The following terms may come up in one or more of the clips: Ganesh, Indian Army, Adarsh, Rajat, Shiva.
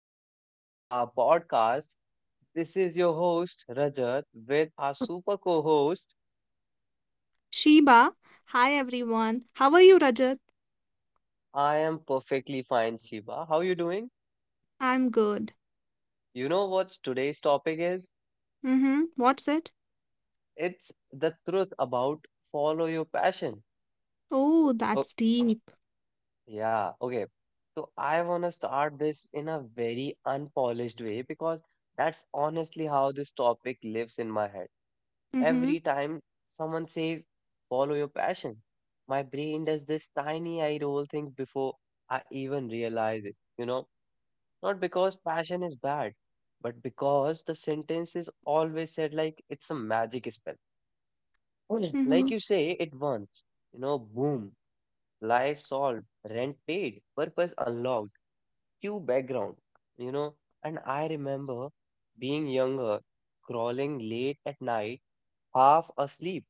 episode of our podcast. This is your host, Rajat, with our super co-host. Sheba. Hi everyone. How are you, Rajat? I am perfectly fine, Shiva. How you doing? I'm good. You know what today's topic is? Mm-hmm. What's it? It's the truth about follow your passion. Oh, Oh, that's deep. yeah. Okay. So I want to start this in a very unpolished way because that's honestly how this topic lives in my head. Mm-hmm. Every time someone says, follow your passion, my brain does this tiny eye roll thing before I even realize it. Not because passion is bad, but because the sentence is always said like it's a magic spell. Mm. Like Mm-hmm. you say it once, boom, life solved, rent paid, purpose unlocked, cue background, you know. And I remember being younger, crawling late at night half asleep,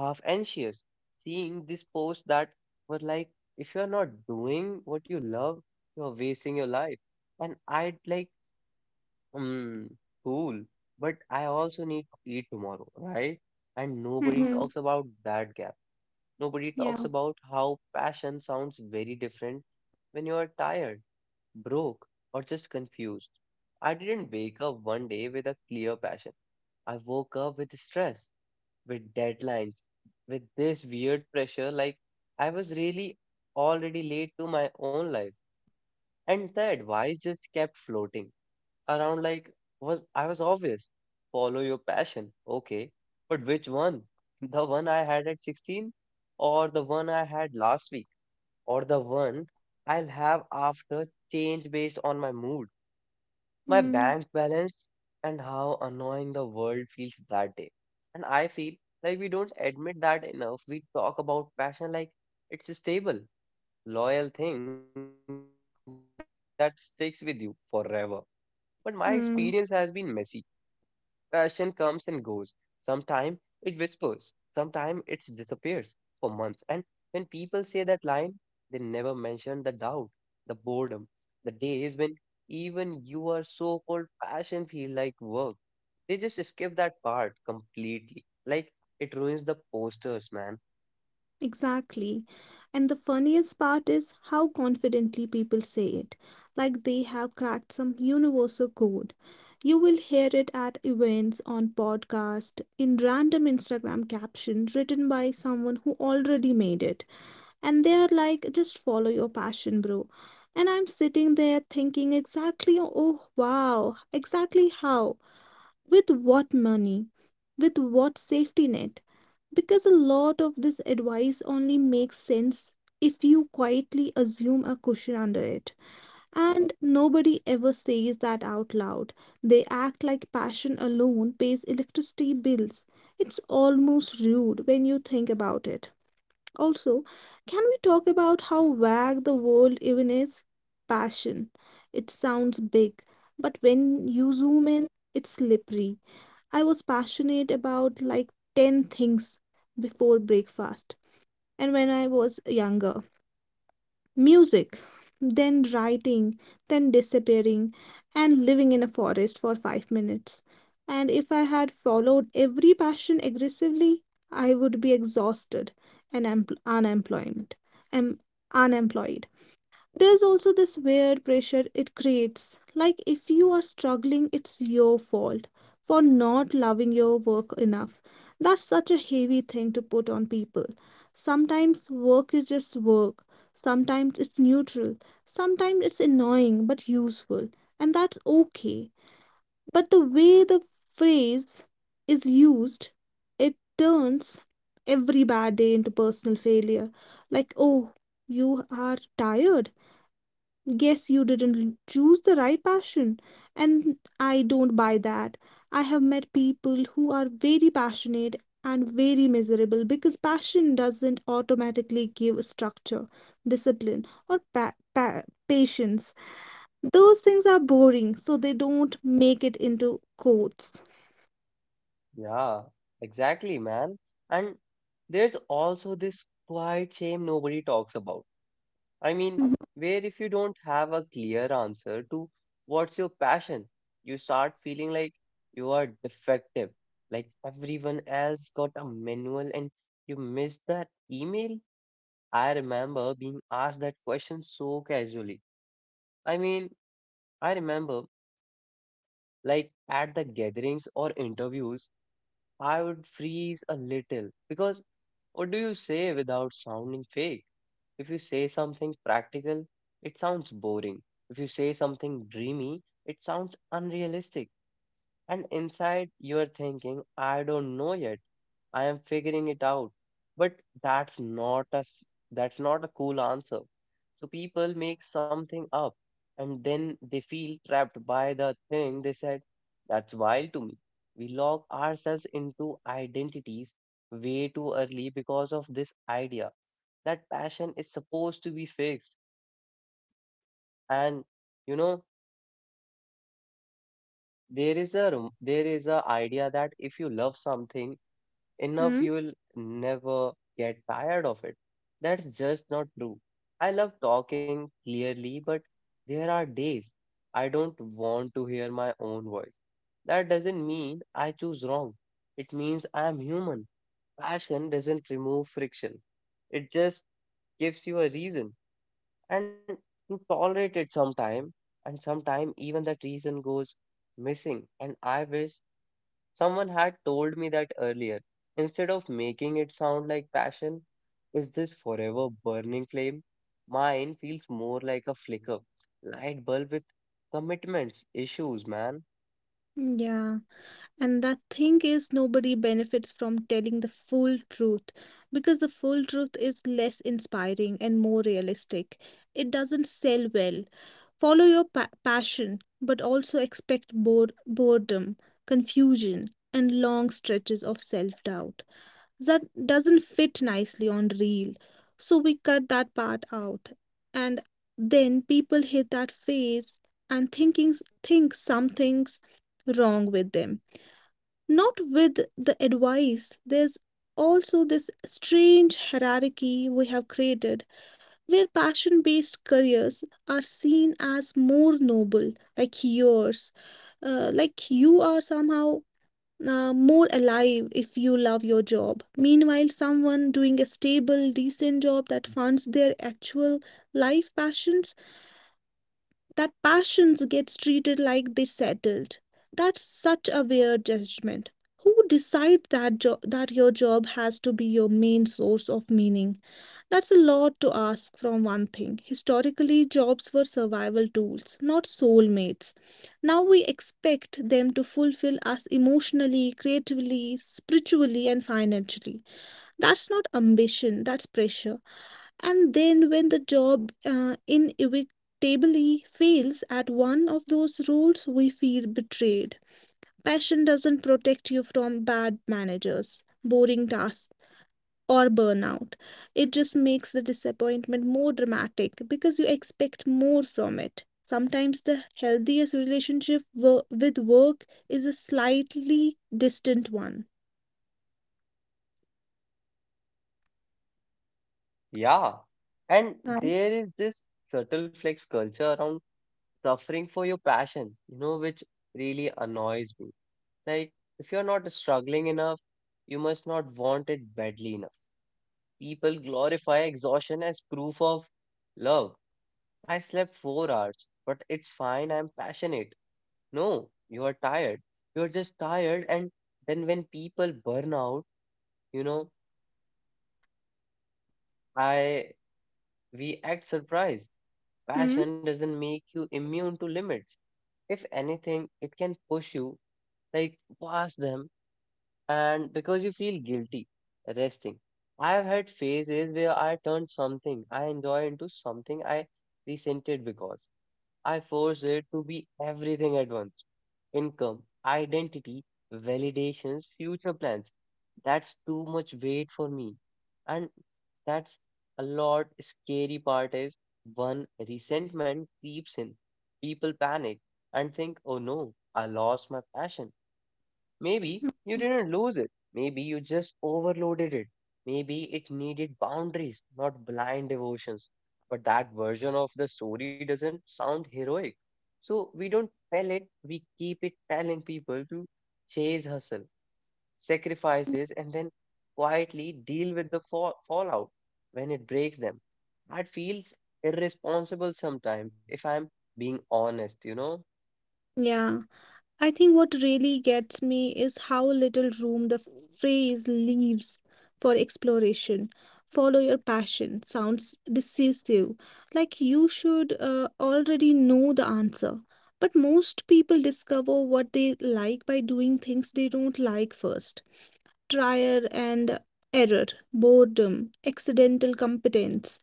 half anxious, seeing this post that were like, if you're not doing what you love, you're wasting your life. And I'd like, hmm, cool, but I also need to eat tomorrow, right? And nobody Mm-hmm. talks about that gap. Nobody Yeah. talks about how passion sounds very different when you are tired, broke, or just confused. I didn't wake up one day with a clear passion. I woke up with stress with deadlines, with this weird pressure, like I was really already late to my own life. And the advice just kept floating around like was I was obvious. Follow your passion. Okay. But which one? The one I had at 16 or the one I had last week or the one I'll have after change based on my mood? My bank balance and how annoying the world feels that day. And I feel like we don't admit that enough. We talk about passion like it's a stable, loyal thing that sticks with you forever. But my experience has been messy. Mm-hmm. Passion comes and goes. Sometimes it whispers, sometimes it disappears for months. And when people say that line, they never mention the doubt, the boredom, the days when even you are so called passion feel like work. They just skip that part completely. Like it ruins the posters, man. Exactly. And the funniest part is how confidently people say it, like they have cracked some universal code. You will hear it at events, on podcast, in random Instagram captions written by someone who already made it. And they are like, just follow your passion, bro. And I'm sitting there thinking, exactly, oh wow, exactly how? With what money? With what safety net? Because a lot of this advice only makes sense if you quietly assume a cushion under it, and nobody ever says that out loud. They act like passion alone pays electricity bills. It's almost rude when you think about it. Also, can we talk about how vague the world even is? Passion. It sounds big, but when you zoom in, it's slippery. I was passionate about like 10 things before breakfast, and when I was younger, music, then writing, then disappearing and living in a forest for 5 minutes. And if I had followed every passion aggressively, I would be exhausted and empl- unemployment. Um, unemployed. There's also this weird pressure it creates. Like, if you are struggling, it's your fault for not loving your work enough. That's such a heavy thing to put on people. Sometimes work is just work, sometimes it's neutral, sometimes it's annoying but useful, and that's okay. But the way the phrase is used, it turns every bad day into personal failure. Like, oh, you are tired. Guess you didn't choose the right passion. And I don't buy that. I have met people who are very passionate and very miserable because passion doesn't automatically give structure, discipline, or patience. Those things are boring, so they don't make it into quotes. Yeah, exactly, man. And there's also this quiet shame nobody talks about. I mean, where if you don't have a clear answer to what's your passion, you start feeling like you are defective, like everyone else got a manual and you missed that email. I remember being asked that question so casually. I mean, I remember like at the gatherings or interviews, I would freeze a little because what do you say without sounding fake? If you say something practical, it sounds boring. If you say something dreamy, it sounds unrealistic. And inside, you're thinking, I don't know yet. I am figuring it out. But that's not a, s- that's not a cool answer. So people make something up and then they feel trapped by the thing they said. That's wild to me. We lock ourselves into identities way too early because of this idea that passion is supposed to be fixed, and you know there is a idea that if you love something Hmm? enough you will never get tired of it. That's just not true. I love talking clearly, but there are days I don't want to hear my own voice. That doesn't mean I choose wrong. It means I am human. Passion doesn't remove friction. It just gives you a reason, and you tolerate it sometime, and sometime even that reason goes missing, and I wish someone had told me that earlier. Instead of making it sound like passion, is this forever burning flame? Mine feels more like a flicker, light bulb with commitments, issues, man. Yeah, and the thing is, nobody benefits from telling the full truth because the full truth is less inspiring and more realistic. It doesn't sell well. Follow your pa passion, but also expect boredom, confusion, and long stretches of self-doubt. That doesn't fit nicely on reel, so we cut that part out. And then people hit that phase and think something's wrong with them, not with the advice. There's also this strange hierarchy we have created where passion based careers are seen as more noble, like yours, like you are somehow more alive if you love your job. Meanwhile, someone doing a stable, decent job that funds their actual life passions, that passions gets treated like they settled. That's such a weird judgment. Who decide that that your job has to be your main source of meaning? That's a lot to ask from one thing. Historically, jobs were survival tools, not soulmates. Now we expect them to fulfill us emotionally, creatively, spiritually, and financially. That's not ambition, that's pressure. And then when the job inevitably fails at one of those roles, we feel betrayed. Passion doesn't protect you from bad managers, boring tasks, or burnout. It just makes the disappointment more dramatic because you expect more from it. Sometimes the healthiest relationship with work is a slightly distant one. Yeah. And Right. there is this subtle flex culture around suffering for your passion, which really annoys me. Like, if you're not struggling enough, you must not want it badly enough. People glorify exhaustion as proof of love. I slept 4 hours, but it's fine. I'm passionate. No, you are tired. You're just tired. And then when people burn out, you know, I we act surprised. Passion Hmm? doesn't make you immune to limits. If anything, it can push you like past them, and because you feel guilty resting. I've had phases where I turned something I enjoy into something I resented because I forced it to be everything at once, income, identity, validations, future plans. That's too much weight for me. And that's a lot scary part is one resentment creeps in. People panic and think, oh no, I lost my passion. Maybe Hmm. you didn't lose it. Maybe you just overloaded it. Maybe it needed boundaries, not blind devotions. But that version of the story doesn't sound heroic. So we don't tell it, we keep it telling people to chase hustle, sacrifices, and then quietly deal with the fallout when it breaks them. That feels irresponsible sometimes, if I'm being honest, you know? Yeah. I think what really gets me is how little room the phrase leaves for exploration. Follow your passion sounds decisive, like you should already know the answer. But most people discover what they like by doing things they don't like first. Trial and error, boredom, accidental competence.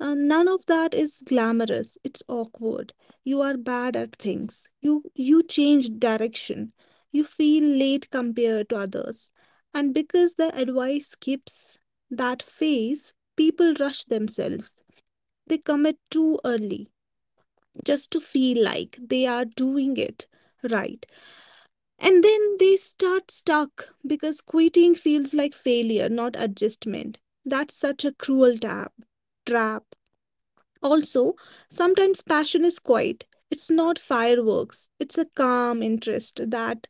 None of that is glamorous. It's awkward. You are bad at things. You change direction. You feel late compared to others. And because the advice skips that phase, people rush themselves. They commit too early just to feel like they are doing it right. And then they start stuck because quitting feels like failure, not adjustment. That's such a trap. Also, sometimes passion is quiet. It's not fireworks. It's a calm interest that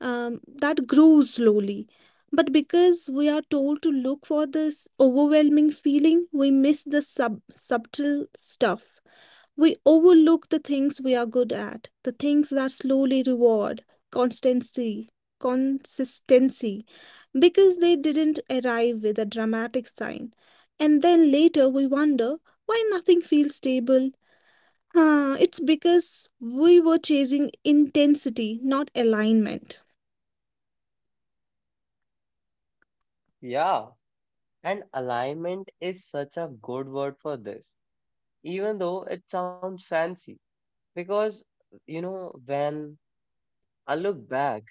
grows slowly. But because we are told to look for this overwhelming feeling, we miss the subtle stuff. We overlook the things we are good at, the things that slowly reward, constancy, consistency, because they didn't arrive with a dramatic sign. And then later we wonder why nothing feels stable. Huh, it's because we were chasing intensity, not alignment. Yeah. And alignment is such a good word for this, even though it sounds fancy. Because, when I look back,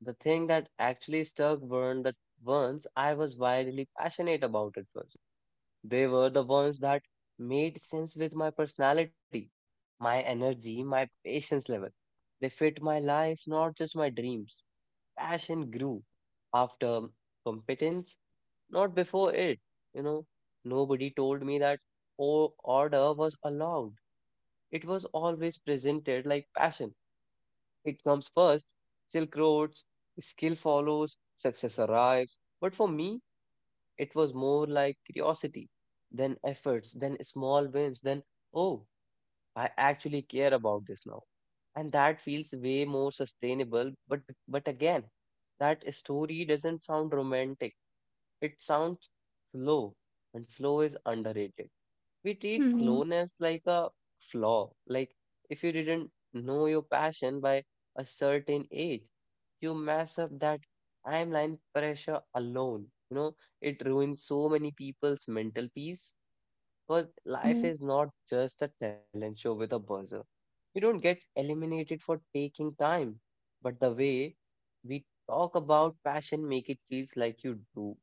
the thing that actually stuck weren't the ones I was wildly passionate about at first. They were the ones that made sense with my personality, my energy, my patience level. They fit my life, not just my dreams. Passion grew after competence not before it, you know. Nobody told me that o- order was allowed. It was always presented like passion. It comes first, silk roads, skill follows, success arrives. But for me, it was more like curiosity, then efforts, then small wins, then, oh, I actually care about this now. And that feels way more sustainable. But again, that story doesn't sound romantic. It sounds slow, and slow is underrated. We treat Hmm. slowness like a flaw, like if you didn't know your passion by a certain age, you mess up that timeline pressure alone. It ruins so many people's mental peace because life Hmm. is not just a talent show with a buzzer. You don't get eliminated for taking time, but the way we talk about passion make it feels like you do.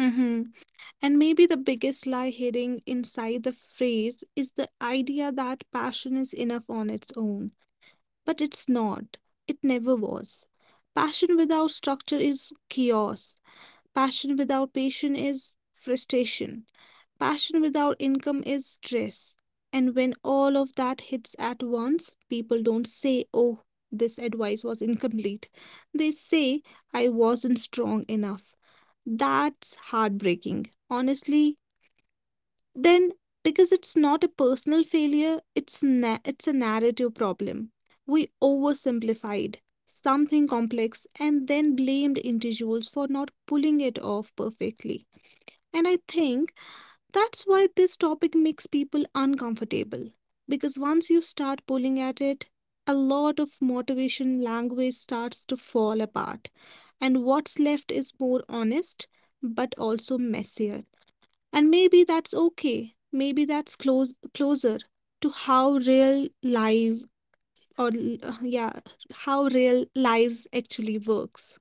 Mm-hmm. And maybe the biggest lie hidden inside the phrase is the idea that passion is enough on its own. But it's not. It never was. Passion without structure is chaos. Passion without patience is frustration. Passion without income is stress. And when all of that hits at once, people don't say, oh, this advice was incomplete. They say, I wasn't strong enough. That's heartbreaking. Honestly, then, because it's not a personal failure, it's it's a narrative problem. We oversimplified something complex and then blamed individuals for not pulling it off perfectly. And I think that's why this topic makes people uncomfortable. Because once you start pulling at it, a lot of motivation language starts to fall apart. And what's left is more honest, but also messier. And maybe that's okay. Maybe that's closer to how real life or l- yeah, how real lives actually works.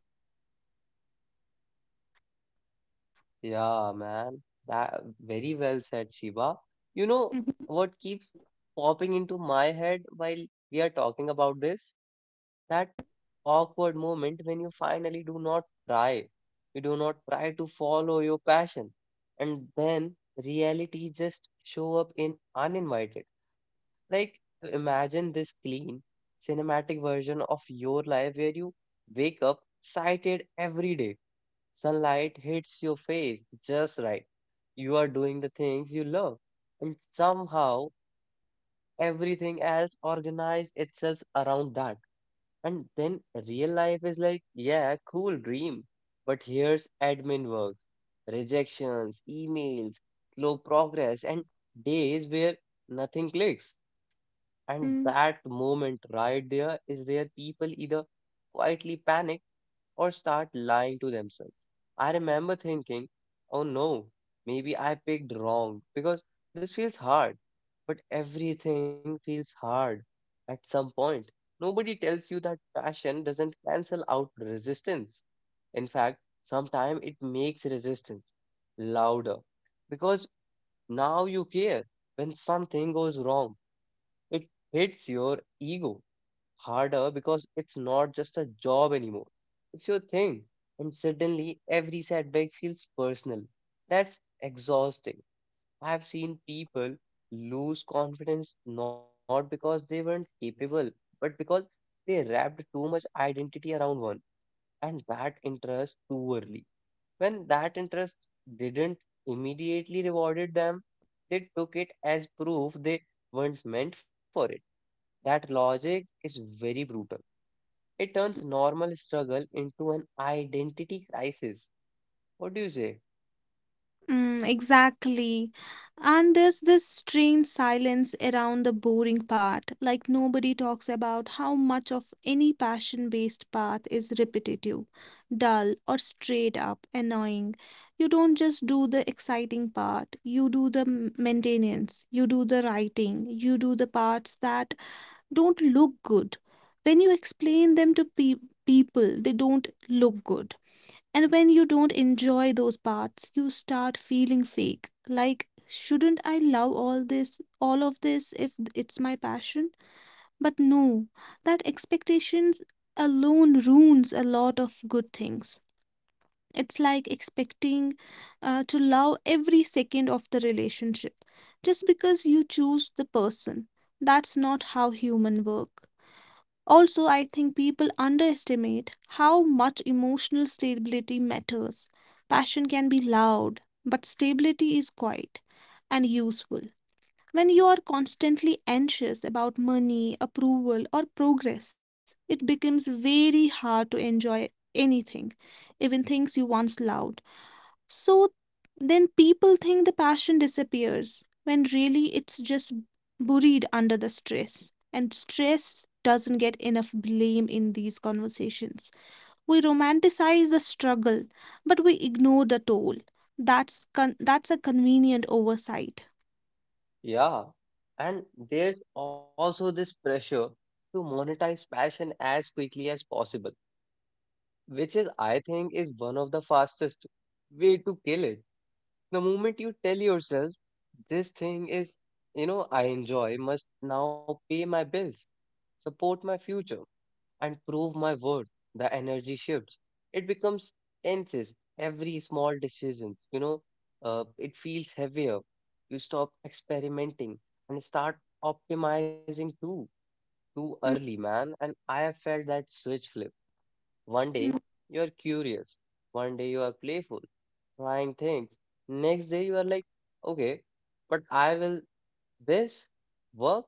Yeah, man. That very well said, Shiva. You know what keeps popping into my head while we are talking about this? That Mhm. awkward moment when you finally do not try. You do not try to follow your passion. And then reality just show up in uninvited. Like imagine this clean cinematic version of your life where you wake up excited every day. Sunlight hits your face just right. You are doing the things you love, and somehow everything else organizes itself around that. And then real life is like, yeah, cool dream. But here's admin work, rejections, emails, slow progress, and days where nothing clicks. And that Mm. moment right there is where people either quietly panic or start lying to themselves. I remember thinking, oh no, maybe I picked wrong because this feels hard. But everything feels hard at some point. Nobody tells you that passion doesn't cancel out resistance. In fact, sometimes it makes resistance louder because now you care when something goes wrong. It hits your ego harder because it's not just a job anymore. It's your thing. And suddenly every setback feels personal. That's exhausting. I've seen people lose confidence not because they weren't capable, but because they wrapped too much identity around one and that interest too early. When that interest didn't immediately rewarded them, they took it as proof they weren't meant for it. That logic is very brutal. It turns normal struggle into an identity crisis. What do you say? Mm, exactly. And there's this strange silence around the boring part. Like nobody talks about how much of any passion-based path is repetitive, dull, or straight up annoying. You don't just do the exciting part, you do the maintenance, you do the writing, you do the parts that don't look good. When you explain them to pe people, they don't look good. And when you don't enjoy those parts, you start feeling fake. Like, shouldn't I love all of this if it's my passion? But no, that expectations alone ruins a lot of good things. It's like expecting to love every second of the relationship just because you choose the person. That's not how human work. Also, I think people underestimate how much emotional stability matters. Passion can be loud, but stability is quiet and useful. When you are constantly anxious about money, approval, or progress, it becomes very hard to enjoy anything, even things you once loved. So then people think the passion disappears when really it's just buried under the stress. And stress doesn't get enough blame in these conversations. We romanticize the struggle, but we ignore the toll. That's that's a convenient oversight. Yeah. And there's also this pressure to monetize passion as quickly as possible, which is, I think, is one of the fastest way to kill it. The moment you tell yourself, this thing is, I enjoy, must now pay my bills, support my future, and prove my word. The energy shifts. It becomes tenses. Every small decision, it feels heavier. You stop experimenting and start optimizing too early, man. And I have felt that switch flip. One day Mhm. you are curious, one day you are playful, trying things. Next day you are like, okay, but I will this work?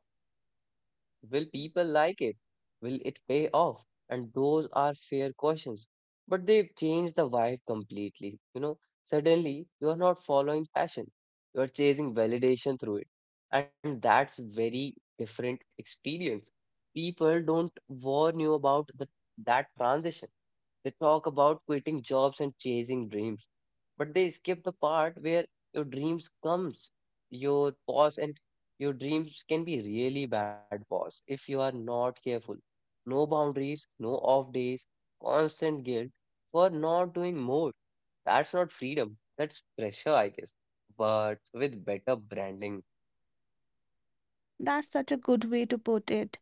Will people like it? Will it pay off? And those are fair questions. But they change the vibe completely. Suddenly you are not following passion, you are chasing validation through it. And that's very different experience. People don't warn you about that transition. They talk about quitting jobs and chasing dreams, but they skip the part where your dreams comes your pause, and your dreams can be really bad boss if you are not careful. No boundaries, no off days, constant guilt for not doing more. That's not freedom, that's pressure, I guess, but with better branding. That's such a good way to put it.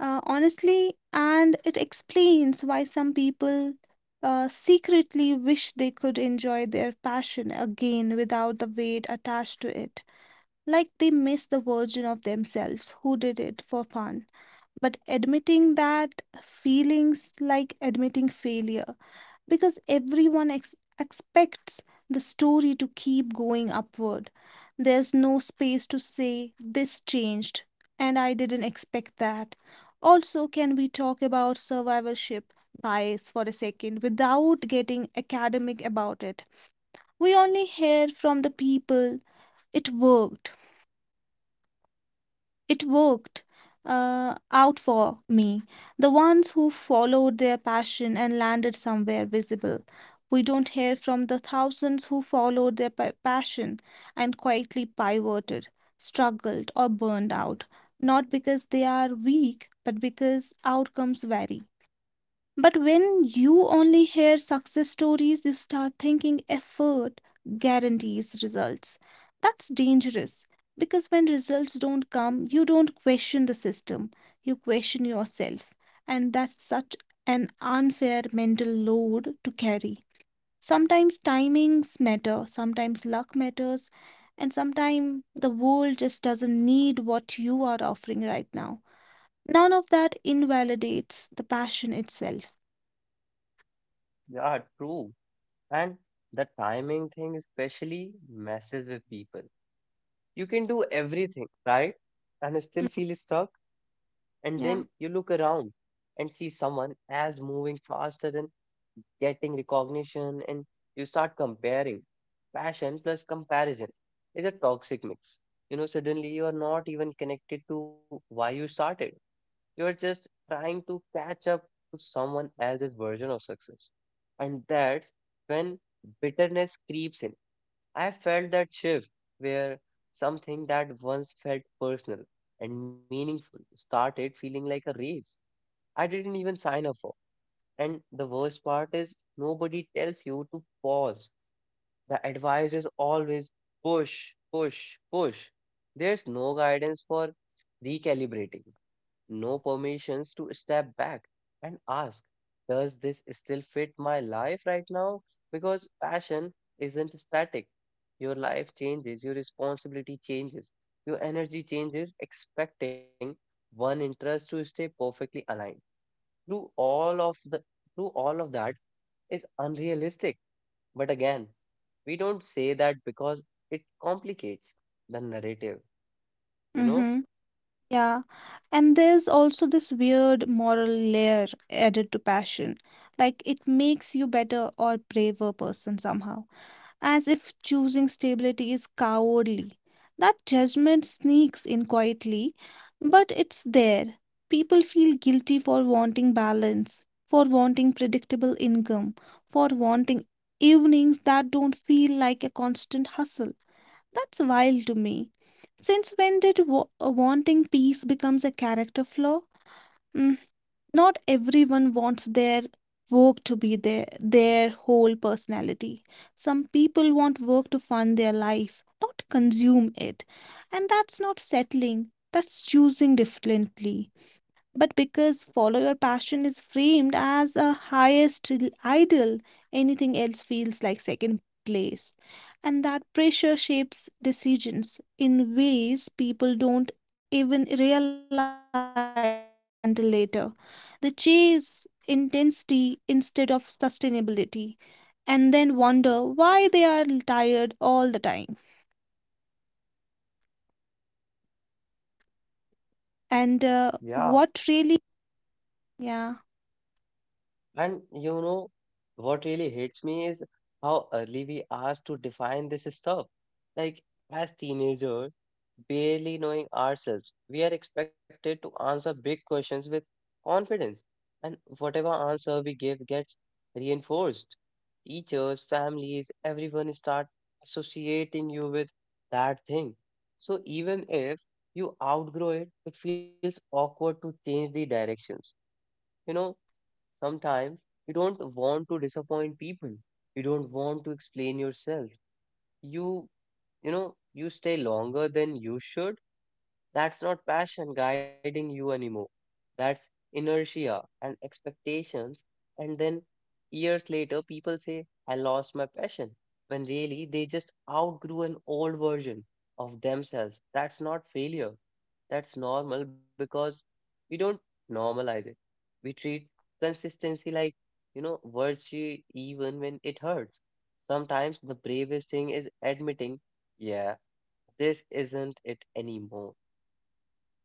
Honestly, and it explains why some people secretly wish they could enjoy their passion again without the weight attached to it. Like they miss the version of themselves who did it for fun. But admitting that feelings like admitting failure because everyone expects the story to keep going upward. There's no space to say, this changed, and I didn't expect that. Also, can we talk about survivorship bias for a second without getting academic about it? We only hear from the people, it worked. It worked out for me. The ones who followed their passion and landed somewhere visible. We don't hear from the thousands who followed their passion and quietly pivoted, struggled, or burned out, not because they are weak, but because outcomes vary. But when you only hear success stories, you start thinking effort guarantees results. That's dangerous because when results don't come, you don't question the system, you question yourself. And that's such an unfair mental load to carry. Sometimes timings matter, sometimes luck matters, and sometimes the world just doesn't need what you are offering right now. None of that invalidates the passion itself. Yeah, true. And the timing thing especially messes with people. You can do everything, right? And still feel stuck. And then you Yeah. look around and see someone as moving faster than getting recognition, and you start comparing. Passion plus comparison is a toxic mix. Suddenly you are not even connected to why you started. You are just trying to catch up to someone else's version of success. And that's when bitterness creeps in. I felt that shift where something that once felt personal and meaningful started feeling like a race I didn't even sign up for. And the worst part is nobody tells you to pause. The advice is always push, push, push. There's no guidance for recalibrating, no permissions to step back and ask, does this still fit my life right now? Because passion isn't static. Your life changes, your responsibility changes, your energy changes, expecting one interest to stay perfectly aligned. Through all of the through all of that is unrealistic. But again, we don't say that because it complicates the narrative, you know? Mm-hmm. Yeah. And there's also this weird moral layer added to passion. Like it makes you better or braver person somehow, as if choosing stability is cowardly. That judgment sneaks in quietly, but it's there. People feel guilty for wanting balance, for wanting predictable income, for wanting evenings that don't feel like a constant hustle. That's wild to me. Since when did wanting peace becomes a character flaw? Mm, not everyone wants their work to be their whole personality. Some people want work to fund their life, not consume it. And that's not settling, that's choosing differently. But because follow your passion is framed as a highest ideal, anything else feels like second place. And that pressure shapes decisions in ways people don't even realize until later. They chase intensity instead of sustainability and then wonder why they are tired all the time. And what Yeah, really, yeah. and what really hits me is how early we asked to define this stuff. Like, as teenagers, barely knowing ourselves, we are expected to answer big questions with confidence, and whatever answer we give gets reinforced. Teachers, families, everyone start associating you with that thing. So even if you outgrow it, it feels awkward to change the directions. You know, Sometimes you don't want to disappoint people, you don't want to explain yourself. You you know you stay longer than you should. That's not passion guiding you anymore. That's inertia and expectations. And then years later, people say, I lost my passion. When really, they just outgrew an old version of themselves. That's not failure. That's normal because we don't normalize it. We treat consistency like, virtue even when it hurts. Sometimes the bravest thing is admitting, yeah, this isn't it anymore.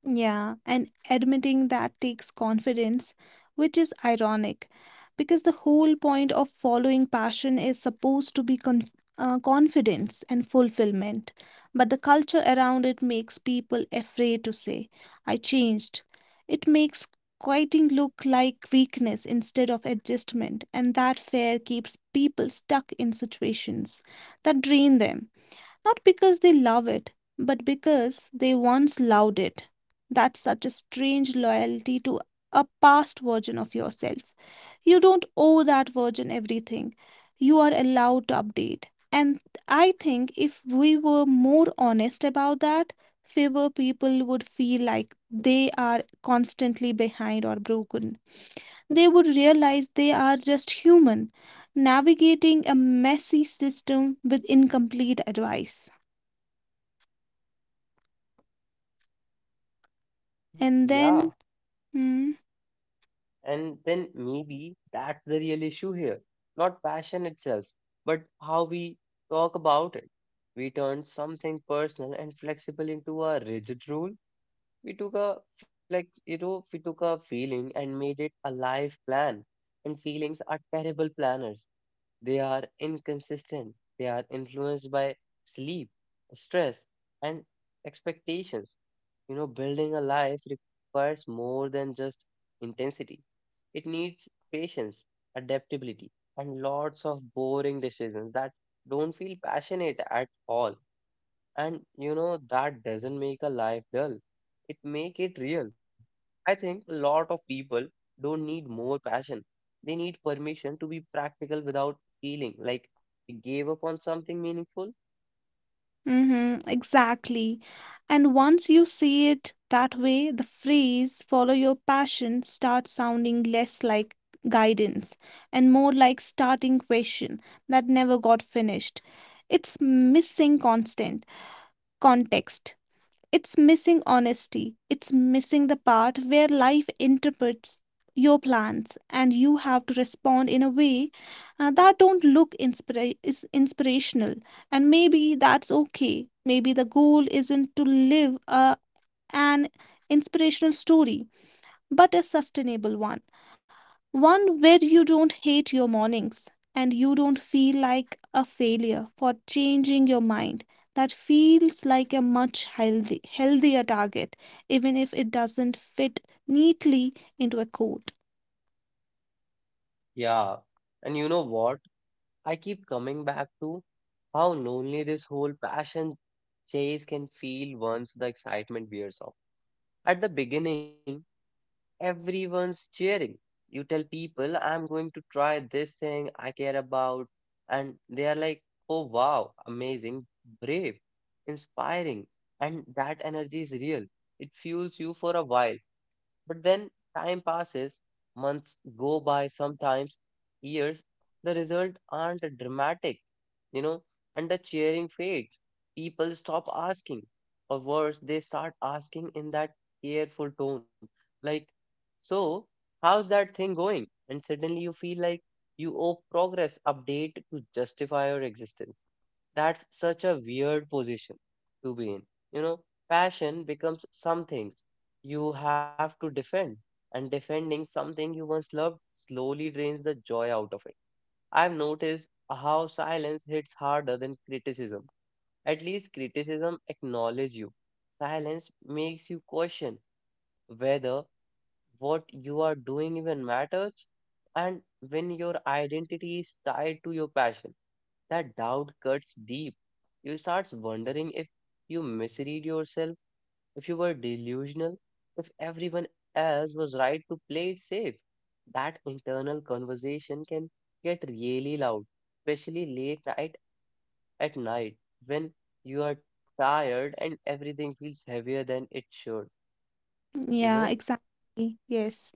Yeah, and admitting that takes confidence, which is ironic because the whole point of following passion is supposed to be confidence and fulfillment. But the culture around it makes people afraid to say, I changed. It makes quitting look like weakness instead of adjustment, and that fear keeps people stuck in situations that drain them. Not because they love it, but because they once loved it. That's such a strange loyalty to a past version of yourself. You don't owe that version everything. You are allowed to update. And I think if we were more honest about that, fewer people would feel like they are constantly behind or broken. They would realize they are just human, navigating a messy system with incomplete advice. And then, Yeah, mm, and then maybe that's the real issue here. Not passion itself, but how we talk about it. We turned something personal and flexible into a rigid rule. We took a flex, we took a feeling and made it a life plan. And feelings are terrible planners. They are inconsistent. They are influenced by sleep, stress, and expectations. Building a life requires more than just intensity. It needs patience, adaptability, and lots of boring decisions that don't feel passionate at all. And that doesn't make a life dull. It make it real. I think a lot of people don't need more passion. They need permission to be practical without feeling like they gave up on something meaningful. mm-hmm, exactly. And once you see it that way, the phrase follow your passion starts sounding less like guidance and more like starting question that never got finished. It's missing constant context. It's missing honesty. It's missing the part where life interprets your plans and you have to respond in a way that don't is inspirational. And maybe that's okay. Maybe the goal isn't to live an inspirational story but a sustainable one, one where you don't hate your mornings and you don't feel like a failure for changing your mind. That feels like a much healthier target, even if it doesn't fit neatly into a code. Yeah. And you know what? I keep coming back to how lonely this whole passion chase can feel once the excitement wears off. At the beginning, everyone's cheering. You tell people, I'm going to try this thing I care about. And they are like, oh, wow, amazing, brave, inspiring. And that energy is real. It fuels you for a while. But then time passes, months go by, sometimes years. The results aren't dramatic, you know, and the cheering fades. People stop asking. Or worse, they start asking in that careful tone like, so, how's that thing going? And suddenly you feel like you owe progress update to justify your existence. That's such a weird position to be in. You know, Passion becomes something you have to defend, and defending something you once loved slowly drains the joy out of it. I've noticed how silence hits harder than criticism. At least criticism acknowledges you. Silence makes you question whether what you are doing even matters, and when your identity is tied to your passion, that doubt cuts deep. You start wondering if you misread yourself, if you were delusional, if everyone else was right to play it safe. That internal conversation can get really loud, especially late night at night when you are tired and everything feels heavier than it should you Yeah, know exactly. Yes.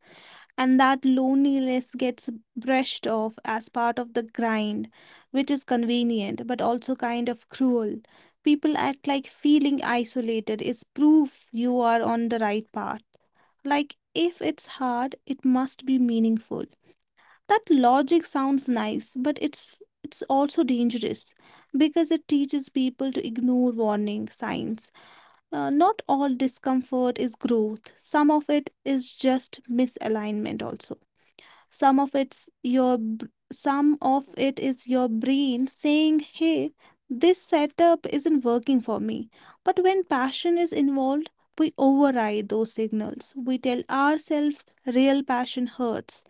And that loneliness gets brushed off as part of the grind, which is convenient but also kind of cruel. People act like feeling isolated is proof you are on the right path. Like, if it's hard, it must be meaningful. That logic sounds nice, but it's also dangerous because it teaches people to ignore warning signs. Not all discomfort is growth. Some of it is just misalignment. Also, some of some of it is your brain saying, hey, this setup isn't working for me. But when passion is involved, we override those signals. We tell ourselves real passion hurts,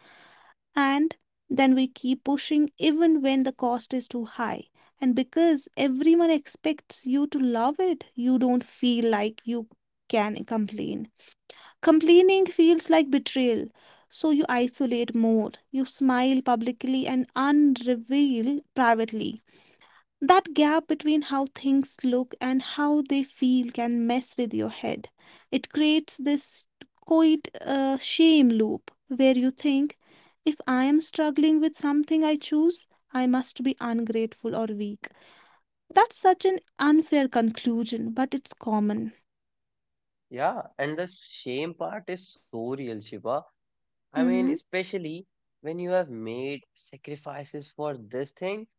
and then we keep pushing even when the cost is too high. And because everyone expects you to love it, you don't feel like you can complain. Complaining feels like betrayal, so you isolate more. You smile publicly and unreveal privately. That gap between how things look and how they feel can mess with your head. It creates this quiet shame loop where you think, if I am struggling with something I choose, I must be ungrateful or weak. That's such an unfair conclusion, but it's common. Yeah, and the shame part is so real, Shiva. I mean, Mm-hmm. especially when you have made sacrifices for this thing,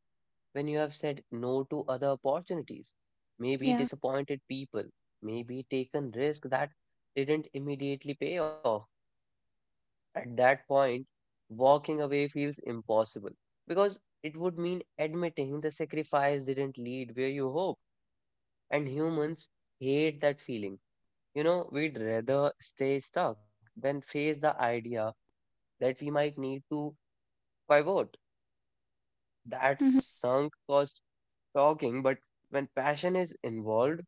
when you have said no to other opportunities, maybe Yeah. disappointed people, maybe taken risk that didn't immediately pay off. At that point, walking away feels impossible because it would mean admitting the sacrifice didn't lead where you hope, and humans hate that feeling. We'd rather stay stuck than face the idea that we might need to pivot. That Mm-hmm. sunk cost talking, but when passion is involved,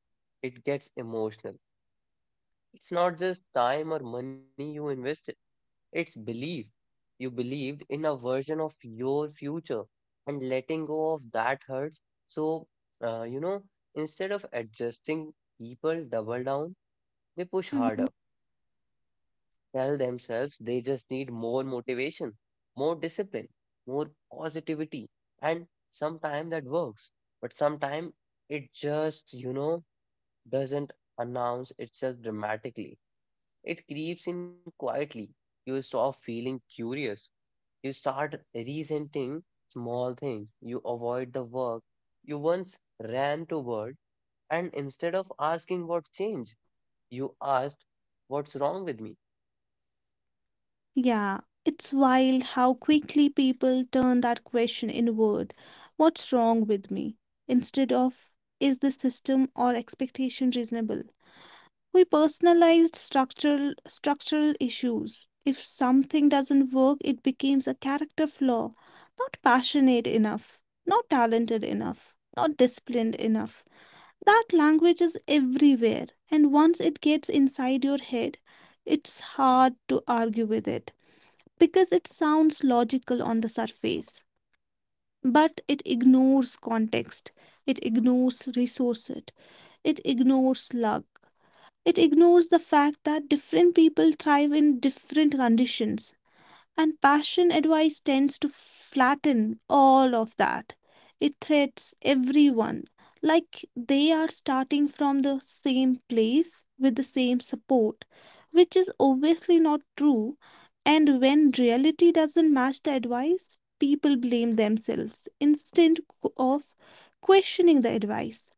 it gets emotional. It's not just time or money you invested, it's belief. You believed in a version of your future, and letting go of that hurts. So, uh, you know, instead of adjusting, people double down, they push Mm-hmm. harder. Tell themselves they just need more motivation, more discipline, more positivity. And sometimes that works, but sometimes it just, doesn't announce itself dramatically. It creeps in quietly. You stop feeling curious. You start resenting small things. You avoid the work you once ran toward. And instead of asking what changed, you asked, what's wrong with me? Yeah, it's wild how quickly people turn that question inward. What's wrong with me? Instead of, is the system or expectation reasonable? We personalized structural issues. If something doesn't work, it becomes a character flaw. Not passionate enough, not talented enough, not disciplined enough. That language is everywhere, and once it gets inside your head, it's hard to argue with it because it sounds logical on the surface, but it ignores context, it ignores resources, it ignores luck, it ignores the fact that different people thrive in different conditions. And passion advice tends to flatten all of that. It threats everyone like they are starting from the same place with the same support, which is obviously not true. And when reality doesn't match the advice, people blame themselves instead of questioning the advice.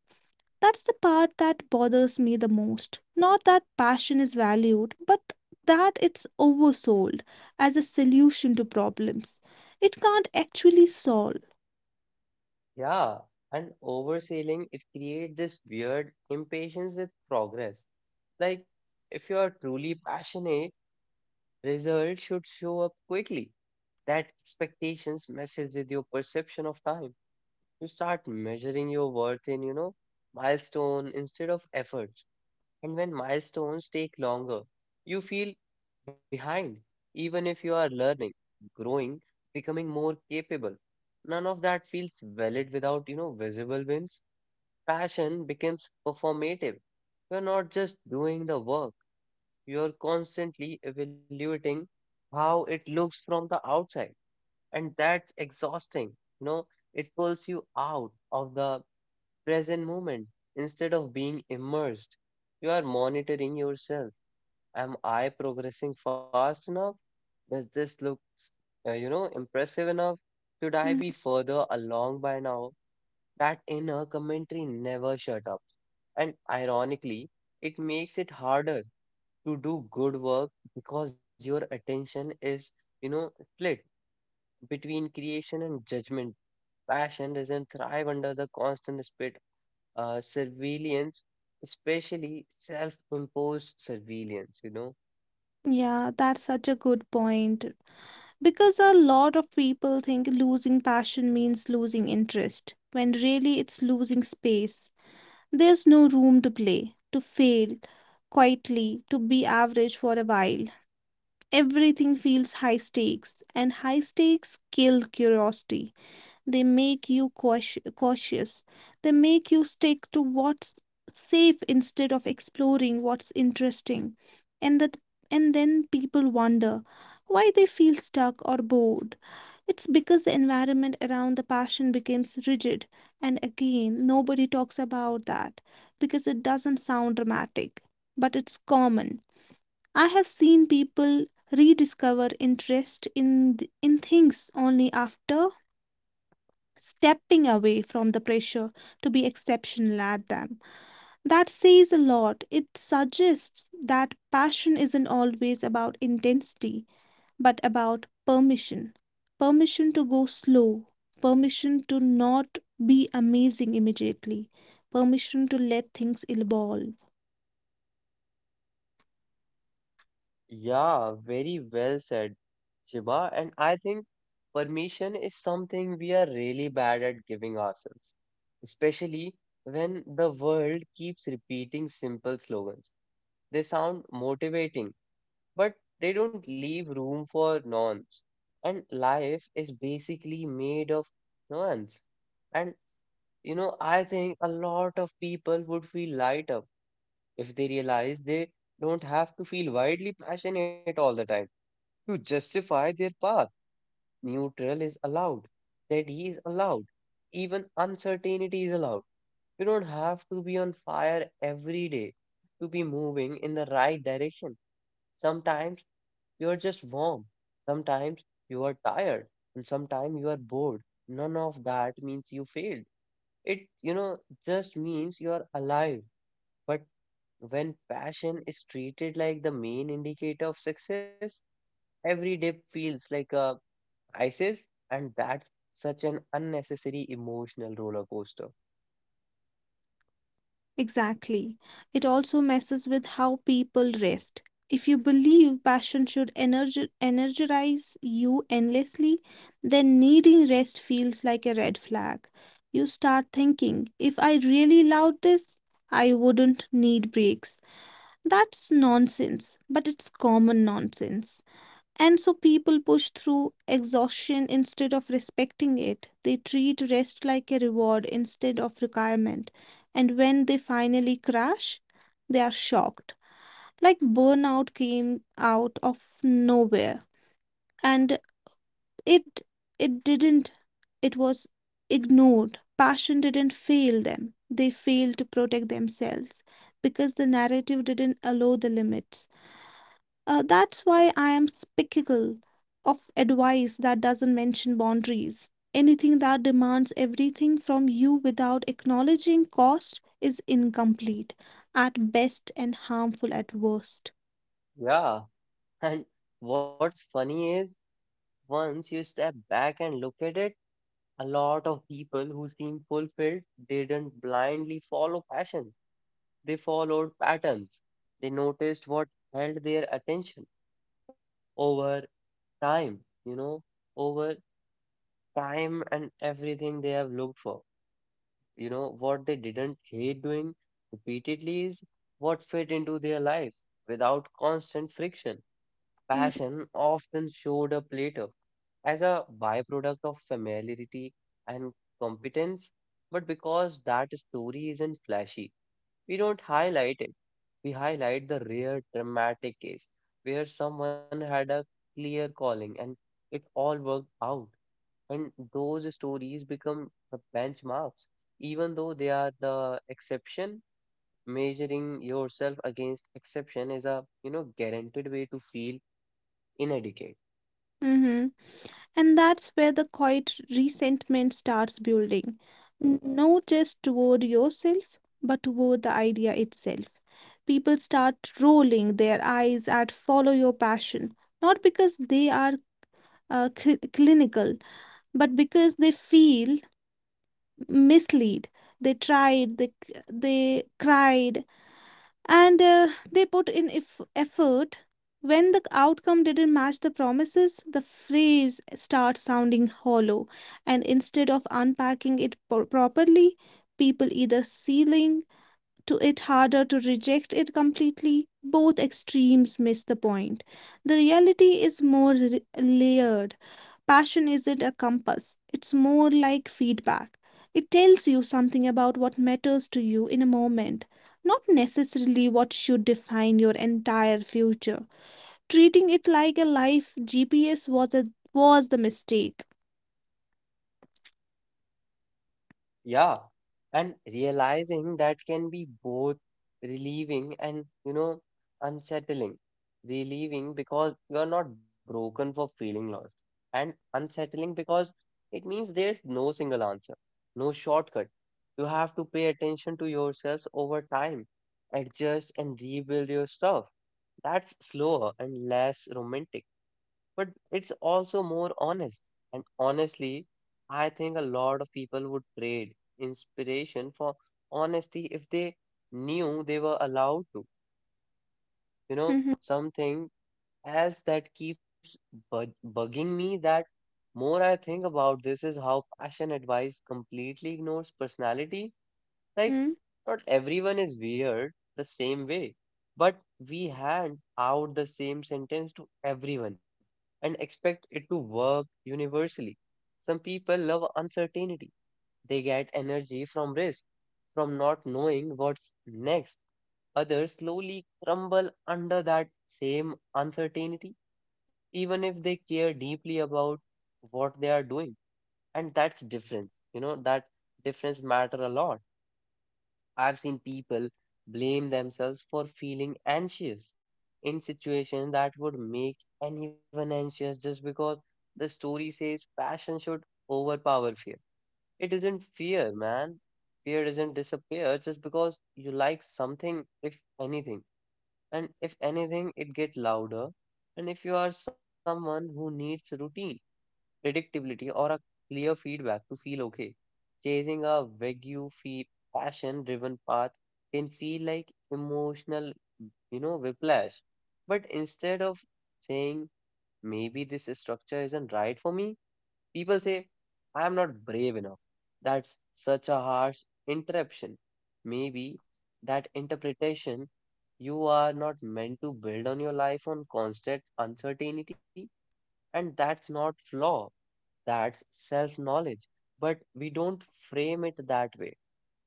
That's the part that bothers me the most. Not that passion is valued, but that it's oversold as a solution to problems it can't actually solve. Yeah, and oversailing, it creates this weird impatience with progress. Like, if you are truly passionate, results should show up quickly. That expectations messes with your perception of time. You start measuring your worth in, milestone instead of effort. And when milestones take longer, you feel behind, even if you are learning, growing, becoming more capable. None of that feels valid without, visible wins. Passion becomes performative. You're not just doing the work, you're constantly evaluating how it looks from the outside. And that's exhausting. You know, it pulls you out of the present moment. Instead of being immersed, you are monitoring yourself. Am I progressing fast enough? Does this look, impressive enough? Should I Mhm. be further along by now? That inner commentary never shut up. And ironically, it makes it harder to do good work because your attention is, you know, split between creation and judgment. Passion doesn't thrive under the constant surveillance, especially self-imposed surveillance, Yeah, that's such a good point. Because a lot of people think losing passion means losing interest, when really it's losing space. There's no room to play, to fail quietly, to be average for a while. Everything feels high stakes, and high stakes kill curiosity. They make you cautious. They make you stick to what's safe instead of exploring what's interesting. And that and then people wonder why they feel stuck or bored. It's because the environment around the passion becomes rigid. And again, nobody talks about that because it doesn't sound dramatic, but it's common. I have seen people rediscover interest in things only after stepping away from the pressure to be exceptional at them. That says a lot. It suggests that passion isn't always about intensity, but about permission. Permission to go slow, permission to not be amazing immediately, permission to let things evolve. Yeah, very well said, Shiva. And I think permission is something we are really bad at giving ourselves, especially when the world keeps repeating simple slogans. They sound motivating, but they don't leave room for nuance. And life is basically made of nuance. And I think a lot of people would feel light up if they realize they don't have to feel wildly passionate all the time to justify their path. Neutral is allowed, steady is allowed, even uncertainty is allowed. You don't have to be on fire every day to be moving in the right direction. Sometimes you are just warm, sometimes you are tired, and sometimes you are bored. None of that means you failed. It, just means you are alive. But when passion is treated like the main indicator of success, every day feels like a crisis, and that's such an unnecessary emotional roller coaster. Exactly. It also messes with how people rest. If you believe passion should energize you endlessly, then needing rest feels like a red flag. You start thinking, if I really loved this, I wouldn't need breaks. That's nonsense, but it's common nonsense. And so people push through exhaustion instead of respecting it. They treat rest like a reward instead of requirement. And when they finally crash, they are shocked. Like burnout came out of nowhere. And it it didn't it was ignored. Passion didn't fail them. They failed to protect themselves because the narrative didn't allow the limits. That's why I am skeptical of advice that doesn't mention boundaries. Anything that demands everything from you without acknowledging cost is incomplete at best and harmful at worst. Yeah, and what's funny is once you step back and look at it, a lot of people who seem fulfilled didn't blindly follow passion. They followed patterns. They noticed what held their attention over time, you know, over time and everything they have looked for. What they didn't hate doing repeatedly is what fit into their lives without constant friction. Mm-hmm. Passion often showed up later as a byproduct of familiarity and competence, but because that story isn't flashy, we don't highlight it. We highlight the rare dramatic case where someone had a clear calling and it all worked out. And those stories become the benchmarks, even though they are the exception. Measuring yourself against exception is a, guaranteed way to feel inadequate. And that's where the quiet resentment starts building, not just toward yourself, but toward the idea itself. People start rolling their eyes at follow your passion, not because they are clinical but because they feel misled. They tried, they cried, and they put in effort. When the outcome didn't match the promises, the phrase starts sounding hollow. And instead of unpacking it properly, people either sealing to it harder to reject it completely. Both extremes miss the point. The reality is layered. Passion isn't a compass, it's more like feedback. It tells you something about what matters to you in a moment, not necessarily what should define your entire future. Treating it like a life GPS was the mistake. Yeah, and realizing that can be both relieving and, unsettling. Relieving because you are not broken for feeling lost, and unsettling because it means there's no single answer, no shortcut. You have to pay attention to yourselves over time, adjust and rebuild your stuff. That's slower and less romantic, but it's also more honest. And honestly, I think a lot of people would trade inspiration for honesty if they knew they were allowed to. Mm-hmm. Something else that keeps bugging me that more I think about this is how passion advice completely ignores personality. Right? Not everyone is weird the same way, but we hand out the same sentence to everyone and expect it to work universally. Some people love uncertainty. They get energy from risk, from not knowing what's next. Others slowly crumble under that same uncertainty, even if they care deeply about what they are doing. And that's difference. That difference matter a lot. I've seen people blame themselves for feeling anxious in situations that would make anyone anxious just because the story says passion should overpower fear. It isn't fear, man. Fear doesn't disappear just because you like something, if anything. And if anything, it gets louder. And if you are someone who needs routine, predictability, or a clear feedback to feel okay. Chasing a vague, feel passion-driven path can feel like emotional, whiplash. But instead of saying maybe this structure isn't right for me, people say I'm not brave enough. That's such a harsh interruption. Maybe that interpretation, you are not meant to build on your life on constant uncertainty, and that's not flaw. That's self knowledge. But we don't frame it that way.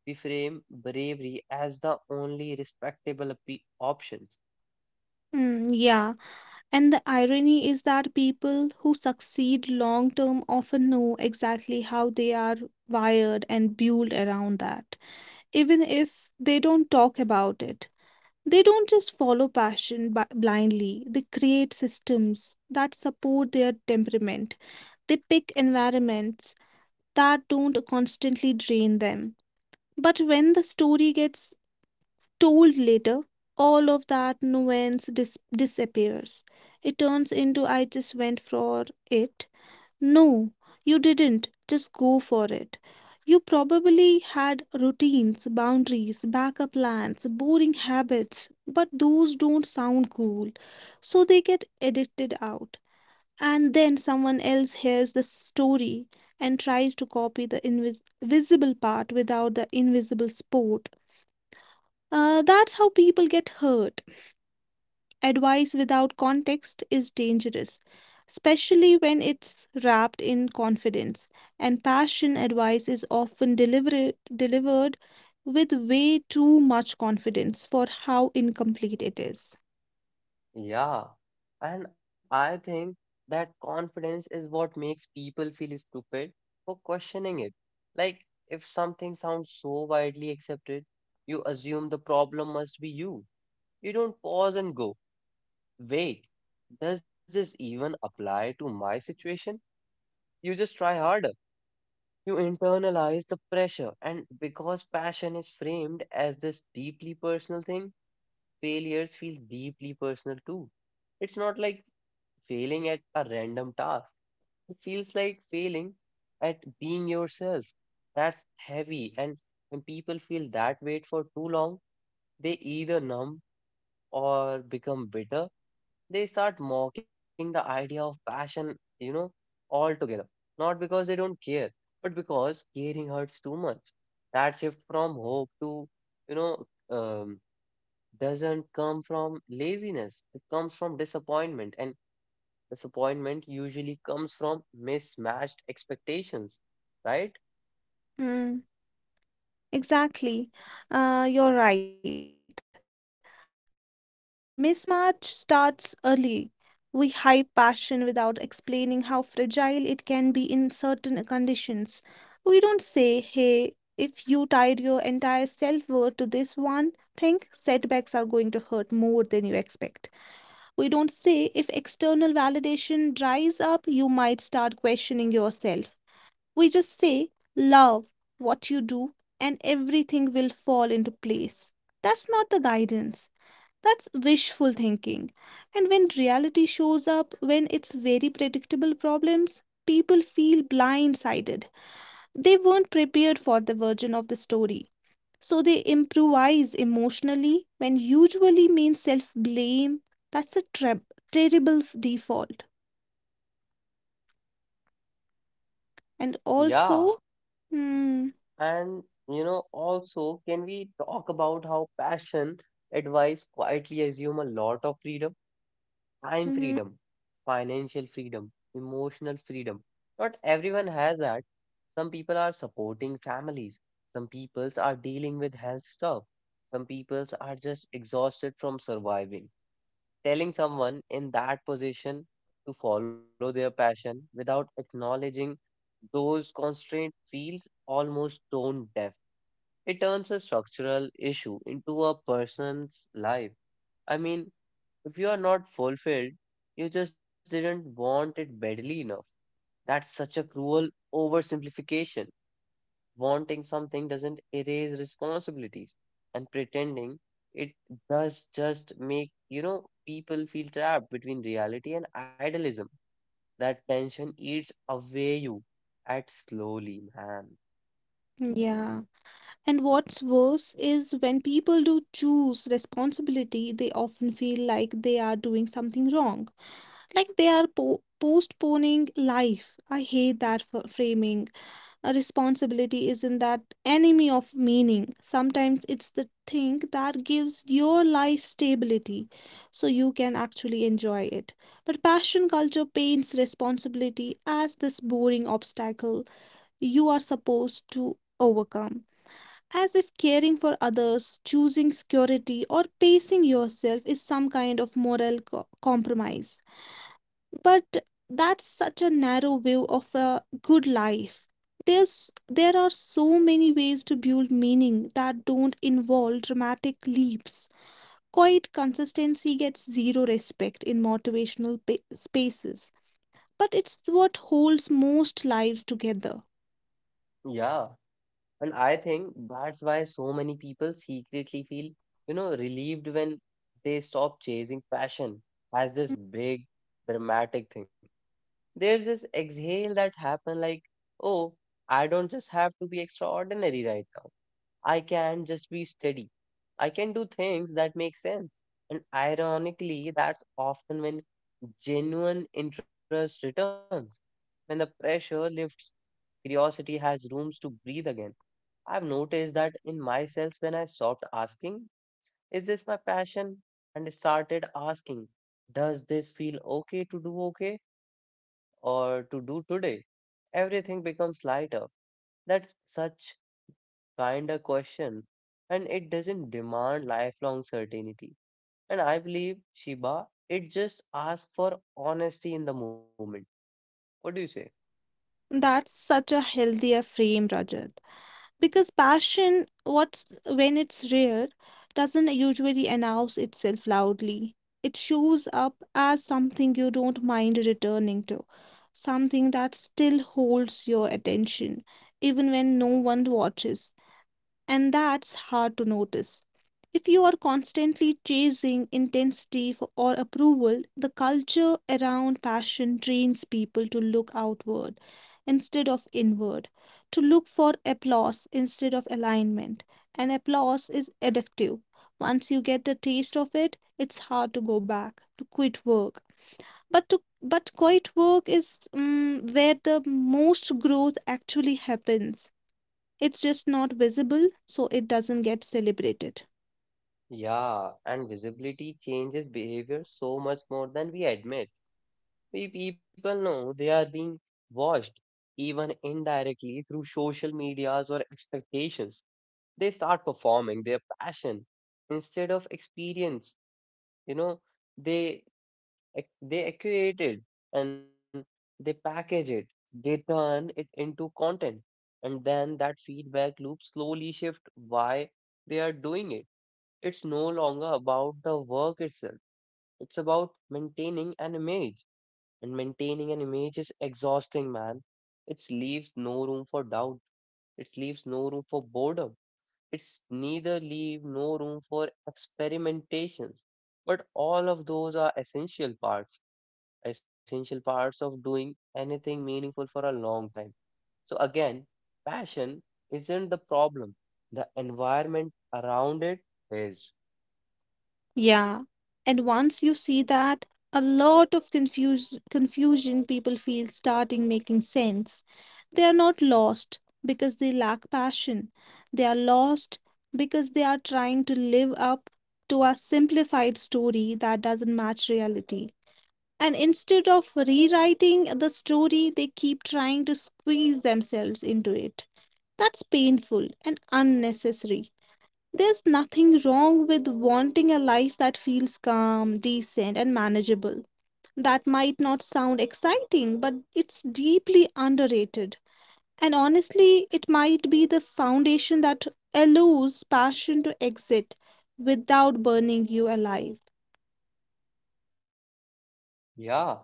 We frame bravery as the only respectable options. Mm-hmm. Yeah. And the irony is that people who succeed long term often know exactly how they are wired and built around that, even if they don't talk about it. They don't just follow passion blindly, they create systems that support their temperament. They pick environments that don't constantly drain them. But when the story gets told later, all of that nuance disappears. It turns into I just went for it. No, you didn't. Just go for it. You probably had routines, boundaries, backup plans, boring habits, but those don't sound cool. So they get edited out. And then someone else hears the story and tries to copy the visible part without the invisible support. That's how people get hurt. Advice without context is dangerous, especially when it's wrapped in confidence. And passion advice is often delivered with way too much confidence for how incomplete it is. Yeah. And I think that confidence is what makes people feel stupid for questioning it. Like, if something sounds so widely accepted, you assume the problem must be you. You don't pause and go, wait, does this even apply to my situation? You just try harder. You internalize the pressure, and because passion is framed as this deeply personal thing, failures feel deeply personal too. It's not like failing at a random task, it feels like failing at being yourself. That's heavy, and when people feel that weight for too long, they either numb or become bitter. They start mocking the idea of passion, altogether. Not because they don't care, but because caring hurts too much. That shift from hope to, you know, um, doesn't come from laziness. It comes from disappointment, and disappointment usually comes from mismatched expectations, right? Hmm. Exactly. You're right. That mismatch starts early. We hype passion without explaining how fragile it can be in certain conditions. We don't say, hey, if you tied your entire self worth to this one thing, setbacks are going to hurt more than you expect. We don't say if external validation dries up, you might start questioning yourself. We just say, love what you do, and everything will fall into place. That's not the guidance. That's wishful thinking. And when reality shows up, when it's very predictable problems, people feel blindsided. They weren't prepared for the version of the story. So they improvise emotionally when usually means self blame. That's a treb terrible default. And Yeah, also, hmm, and also, can we talk about how passion advice quietly assume a lot of freedom? Time mhm, freedom, financial freedom, emotional freedom. Not everyone has that. Some people are supporting families. Some peoples are dealing with health stuff. Some peoples are just exhausted from surviving. Telling someone in that position to follow their passion without acknowledging those constraints feels almost tone deaf. It turns a structural issue into a person's life. I mean, if you are not fulfilled, you just didn't want it badly enough. That's such a cruel oversimplification. Wanting something doesn't erase responsibilities, and pretending it does just make, people feel trapped between reality and idealism. That tension eats away you at slowly, man. Yeah. And what's worse is when people do choose responsibility, they often feel like they are doing something wrong, like they are postponing life. I hate that framing. A responsibility isn't that enemy of meaning. Sometimes it's the thing that gives your life stability so you can actually enjoy it. But passion culture paints responsibility as this boring obstacle you are supposed to overcome as if caring for others, choosing security, or pacing yourself is some kind of moral compromise. But that's such a narrow view of a good life. There are so many ways to build meaning that don't involve dramatic leaps. Quiet consistency gets zero respect in motivational spaces, but it's what holds most lives together. Yeah. And I think that's why so many people secretly feel, relieved when they stop chasing passion as this big dramatic thing. There's this exhale that happen like, oh, I don't just have to be extraordinary right now. I can just be steady. I can do things that make sense. And ironically, that's often when genuine interest returns, when the pressure lifts, curiosity has rooms to breathe again. I've noticed that in myself when I stopped asking, is this my passion? And started asking, does this feel okay to do okay or to do today? Everything becomes lighter. That's such kind of question. And it doesn't demand lifelong certainty. And I believe, Shiba, it just asks for honesty in the moment. What do you say? That's such a healthier frame, Rajat. Because passion, what's when it's rare, doesn't usually announce itself loudly. It shows up as something you don't mind returning to, something that still holds your attention, even when no one watches, and that's hard to notice. If you are constantly chasing intensity for, or approval, the culture around passion trains people to look outward instead of inward, to look for applause instead of alignment. And applause is addictive. Once you get a taste of it, it's hard to go back, to quit work. But quiet work is where the most growth actually happens. It's just not visible, so it doesn't get celebrated. Yeah, and visibility changes behavior so much more than we admit. We people know they are being watched, even indirectly through social medias or expectations. They start performing their passion instead of experience. You know, they they accurate it and they package it. They turn it into content, and then that feedback loop slowly shift why they are doing it. It's no longer about the work itself. It's about maintaining an image. And maintaining an image is exhausting, man. It leaves no room for doubt. It leaves no room for boredom. It's neither leave no room for experimentations. But all of those are essential parts of doing anything meaningful for a long time. So again, passion isn't the problem. The environment around it is. Yeah. And once you see that, a lot of confusion people feel starting making sense. They are not lost because they lack passion. They are lost because they are trying to live up to a simplified story that doesn't match reality. And instead of rewriting the story, they keep trying to squeeze themselves into it. That's painful and unnecessary. There's nothing wrong with wanting a life that feels calm, decent, and manageable. That might not sound exciting, but it's deeply underrated. And honestly, it might be the foundation that allows passion to exit without burning you alive. Yeah,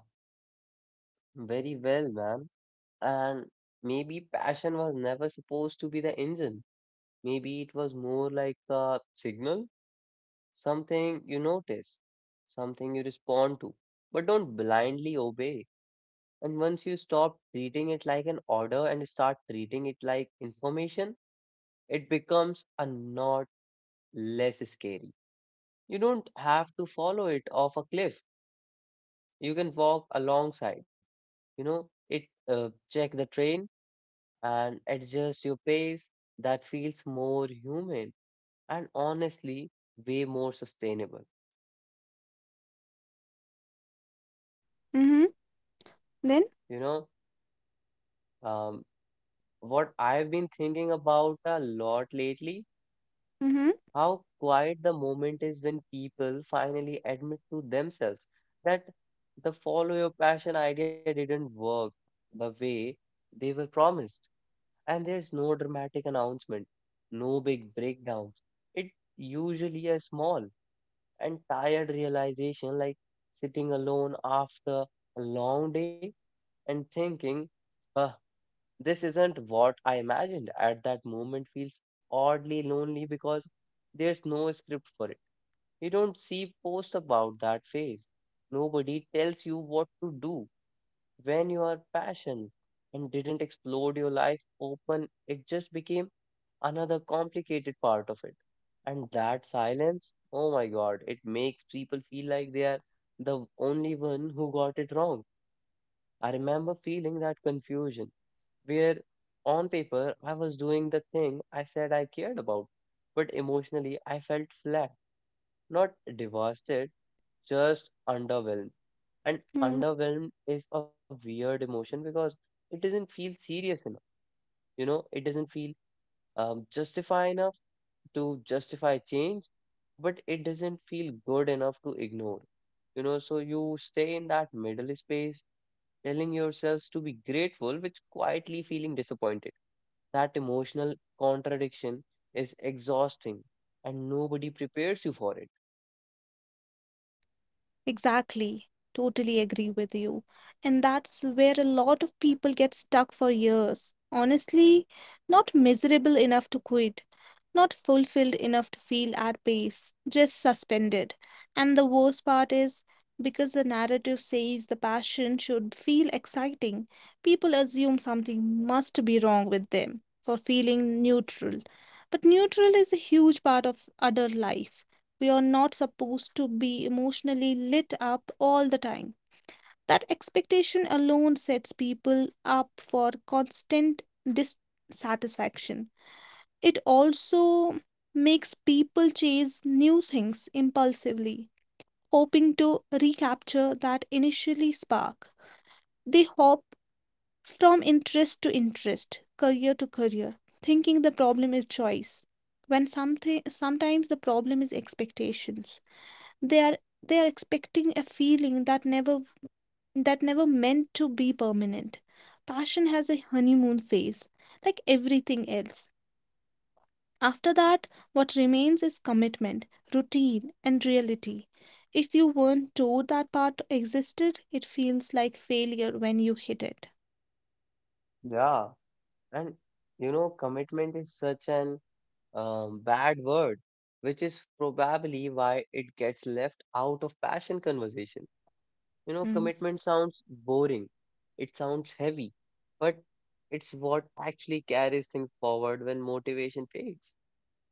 very well, man. And maybe passion was never supposed to be the engine. Maybe it was more like a signal, something you notice, something you respond to, but don't blindly obey. And once you stop treating it like an order and start treating it like information, it becomes a not less scary. You don't have to follow it off a cliff. You can walk alongside. You know, it check the train and adjust your pace that feels more human and honestly way more sustainable. Mm-hmm. Then? You know, um, what I've been thinking about a lot lately, Mm-hmm. how quiet the moment is when people finally admit to themselves that the follow your passion idea didn't work the way they were promised. And there's no dramatic announcement, no big breakdowns. It usually a small and tired realization, like sitting alone after a long day and thinking, "Huh, this isn't what I imagined." At that moment feels oddly lonely because there's no script for it. You don't see posts about that phase. Nobody tells you what to do when you are passion and didn't explode your life open. It just became another complicated part of it. And that silence, oh my God, it makes people feel like they are the only one who got it wrong. I remember feeling that confusion where on paper I was doing the thing I said I cared about, but emotionally I felt flat, not devastated, just underwhelmed. And Hmm. underwhelmed is a weird emotion because it doesn't feel serious enough, it doesn't feel justify enough to justify change, but it doesn't feel good enough to ignore. You know, so you stay in that middle space, telling yourselves to be grateful, which quietly feeling disappointed. That emotional contradiction is exhausting, and nobody prepares you for it. Exactly. Totally agree with you. And that's where a lot of people get stuck for years. Honestly, not miserable enough to quit, not fulfilled enough to feel at peace, just suspended. And the worst part is because the narrative says the passion should feel exciting, people assume something must be wrong with them for feeling neutral. But neutral is a huge part of adult life. We are not supposed to be emotionally lit up all the time. That expectation alone sets people up for constant dissatisfaction. It also makes people chase new things impulsively, hoping to recapture that initially spark. They hop from interest to interest, career to career, thinking the problem is choice when something sometimes the problem is expectations. they are they are expecting a feeling that never meant to be permanent. Passion has a honeymoon phase like everything else. After that, what remains is commitment, routine, and reality. If you weren't told that part existed, it feels like failure when you hit it. Yeah, and commitment is such an bad word, which is probably why it gets left out of passion conversation. You know, Mm. commitment sounds boring, it sounds heavy, but it's what actually carries things forward when motivation fades.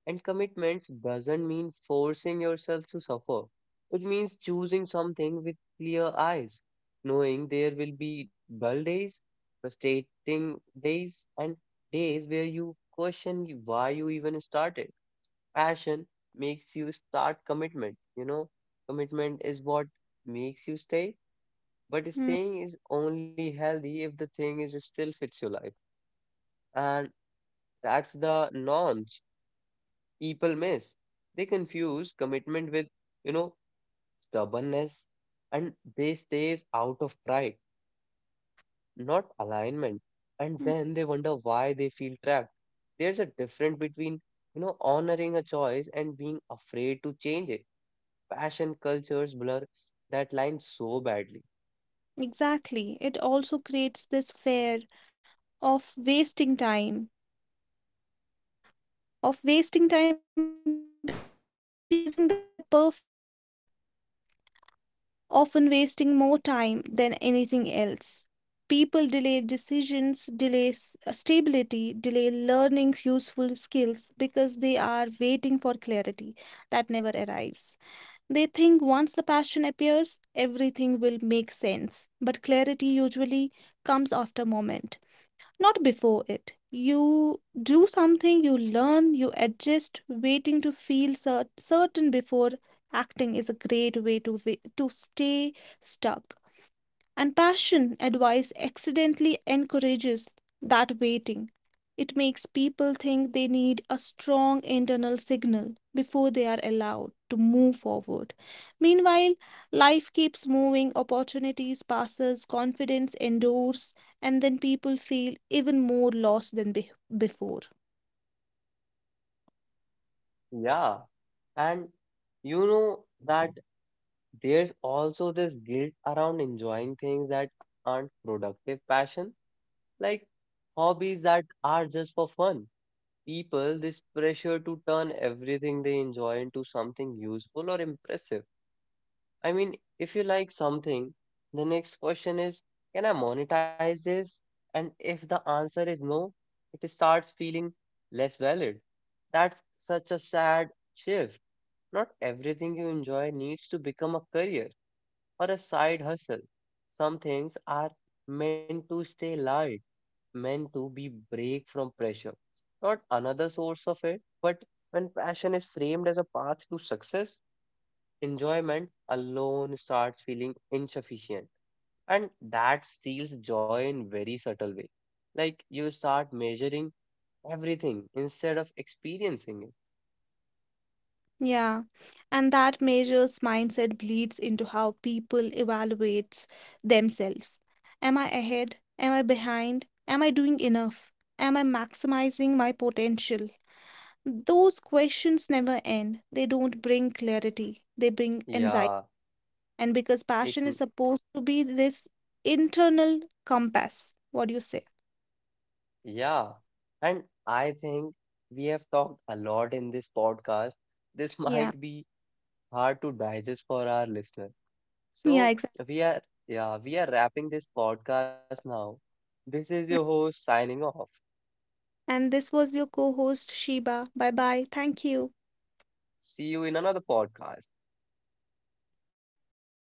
And commitments doesn't mean forcing yourself to suffer. It means choosing something with clear eyes, knowing there will be dull days, frustrating days, and days where you question why you even started. Passion makes you start commitment, you know. Commitment is what makes you stay, but Mm, staying is only healthy if the thing is still fits your life. And that's the norms people miss. They confuse commitment with, you know, stubbornness, and they stays out of pride, not alignment. And mm. then they wonder why they feel trapped. There's a difference between, honoring a choice and being afraid to change it. Passion cultures blur that line so badly. Exactly, it also creates this fear of wasting time of wasting time because chasing the perfect passion often wasting more time than anything else. People delay decisions, delay stability, delay learning useful skills because they are waiting for clarity that never arrives. They think once the passion appears, everything will make sense, but clarity usually comes after moment, not before it. You do something, you learn, you adjust. Waiting to feel certain before acting is a great way to to stay stuck. And passion advice accidentally encourages that waiting. It makes people think they need a strong internal signal before they are allowed to move forward. Meanwhile, life keeps moving, opportunities passes, confidence endures, and then people feel even more lost than before. Yeah. And you know that, there's also this guilt around enjoying things that aren't productive passion, like hobbies that are just for fun. People, this pressure to turn everything they enjoy into something useful or impressive. I mean, if you like something, the next question is, can I monetize this? And if the answer is no, it starts feeling less valid. That's such a sad shift. Not everything you enjoy needs to become a career or a side hustle. Some things are meant to stay light, meant to be break from pressure, not another source of it. But when passion is framed as a path to success, enjoyment alone starts feeling insufficient. And that steals joy in very subtle way. Like you start measuring everything instead of experiencing it. Yeah, and that measures mindset bleeds into how people evaluates themselves. Am I ahead? Am I behind? Am I doing enough? Am I maximizing my potential? Those questions never end. They don't bring clarity, they bring anxiety. Yeah, And because it passion is supposed to be this internal compass, what do you say? yeah, and I think we have talked a lot in this podcast. This Yeah, might be hard to digest for our listeners. yeah, So exactly. we are, yeah, we are wrapping this podcast now. This is your host signing off. And this was your co host, Sheba. Bye bye. Thank you. See you in another podcast.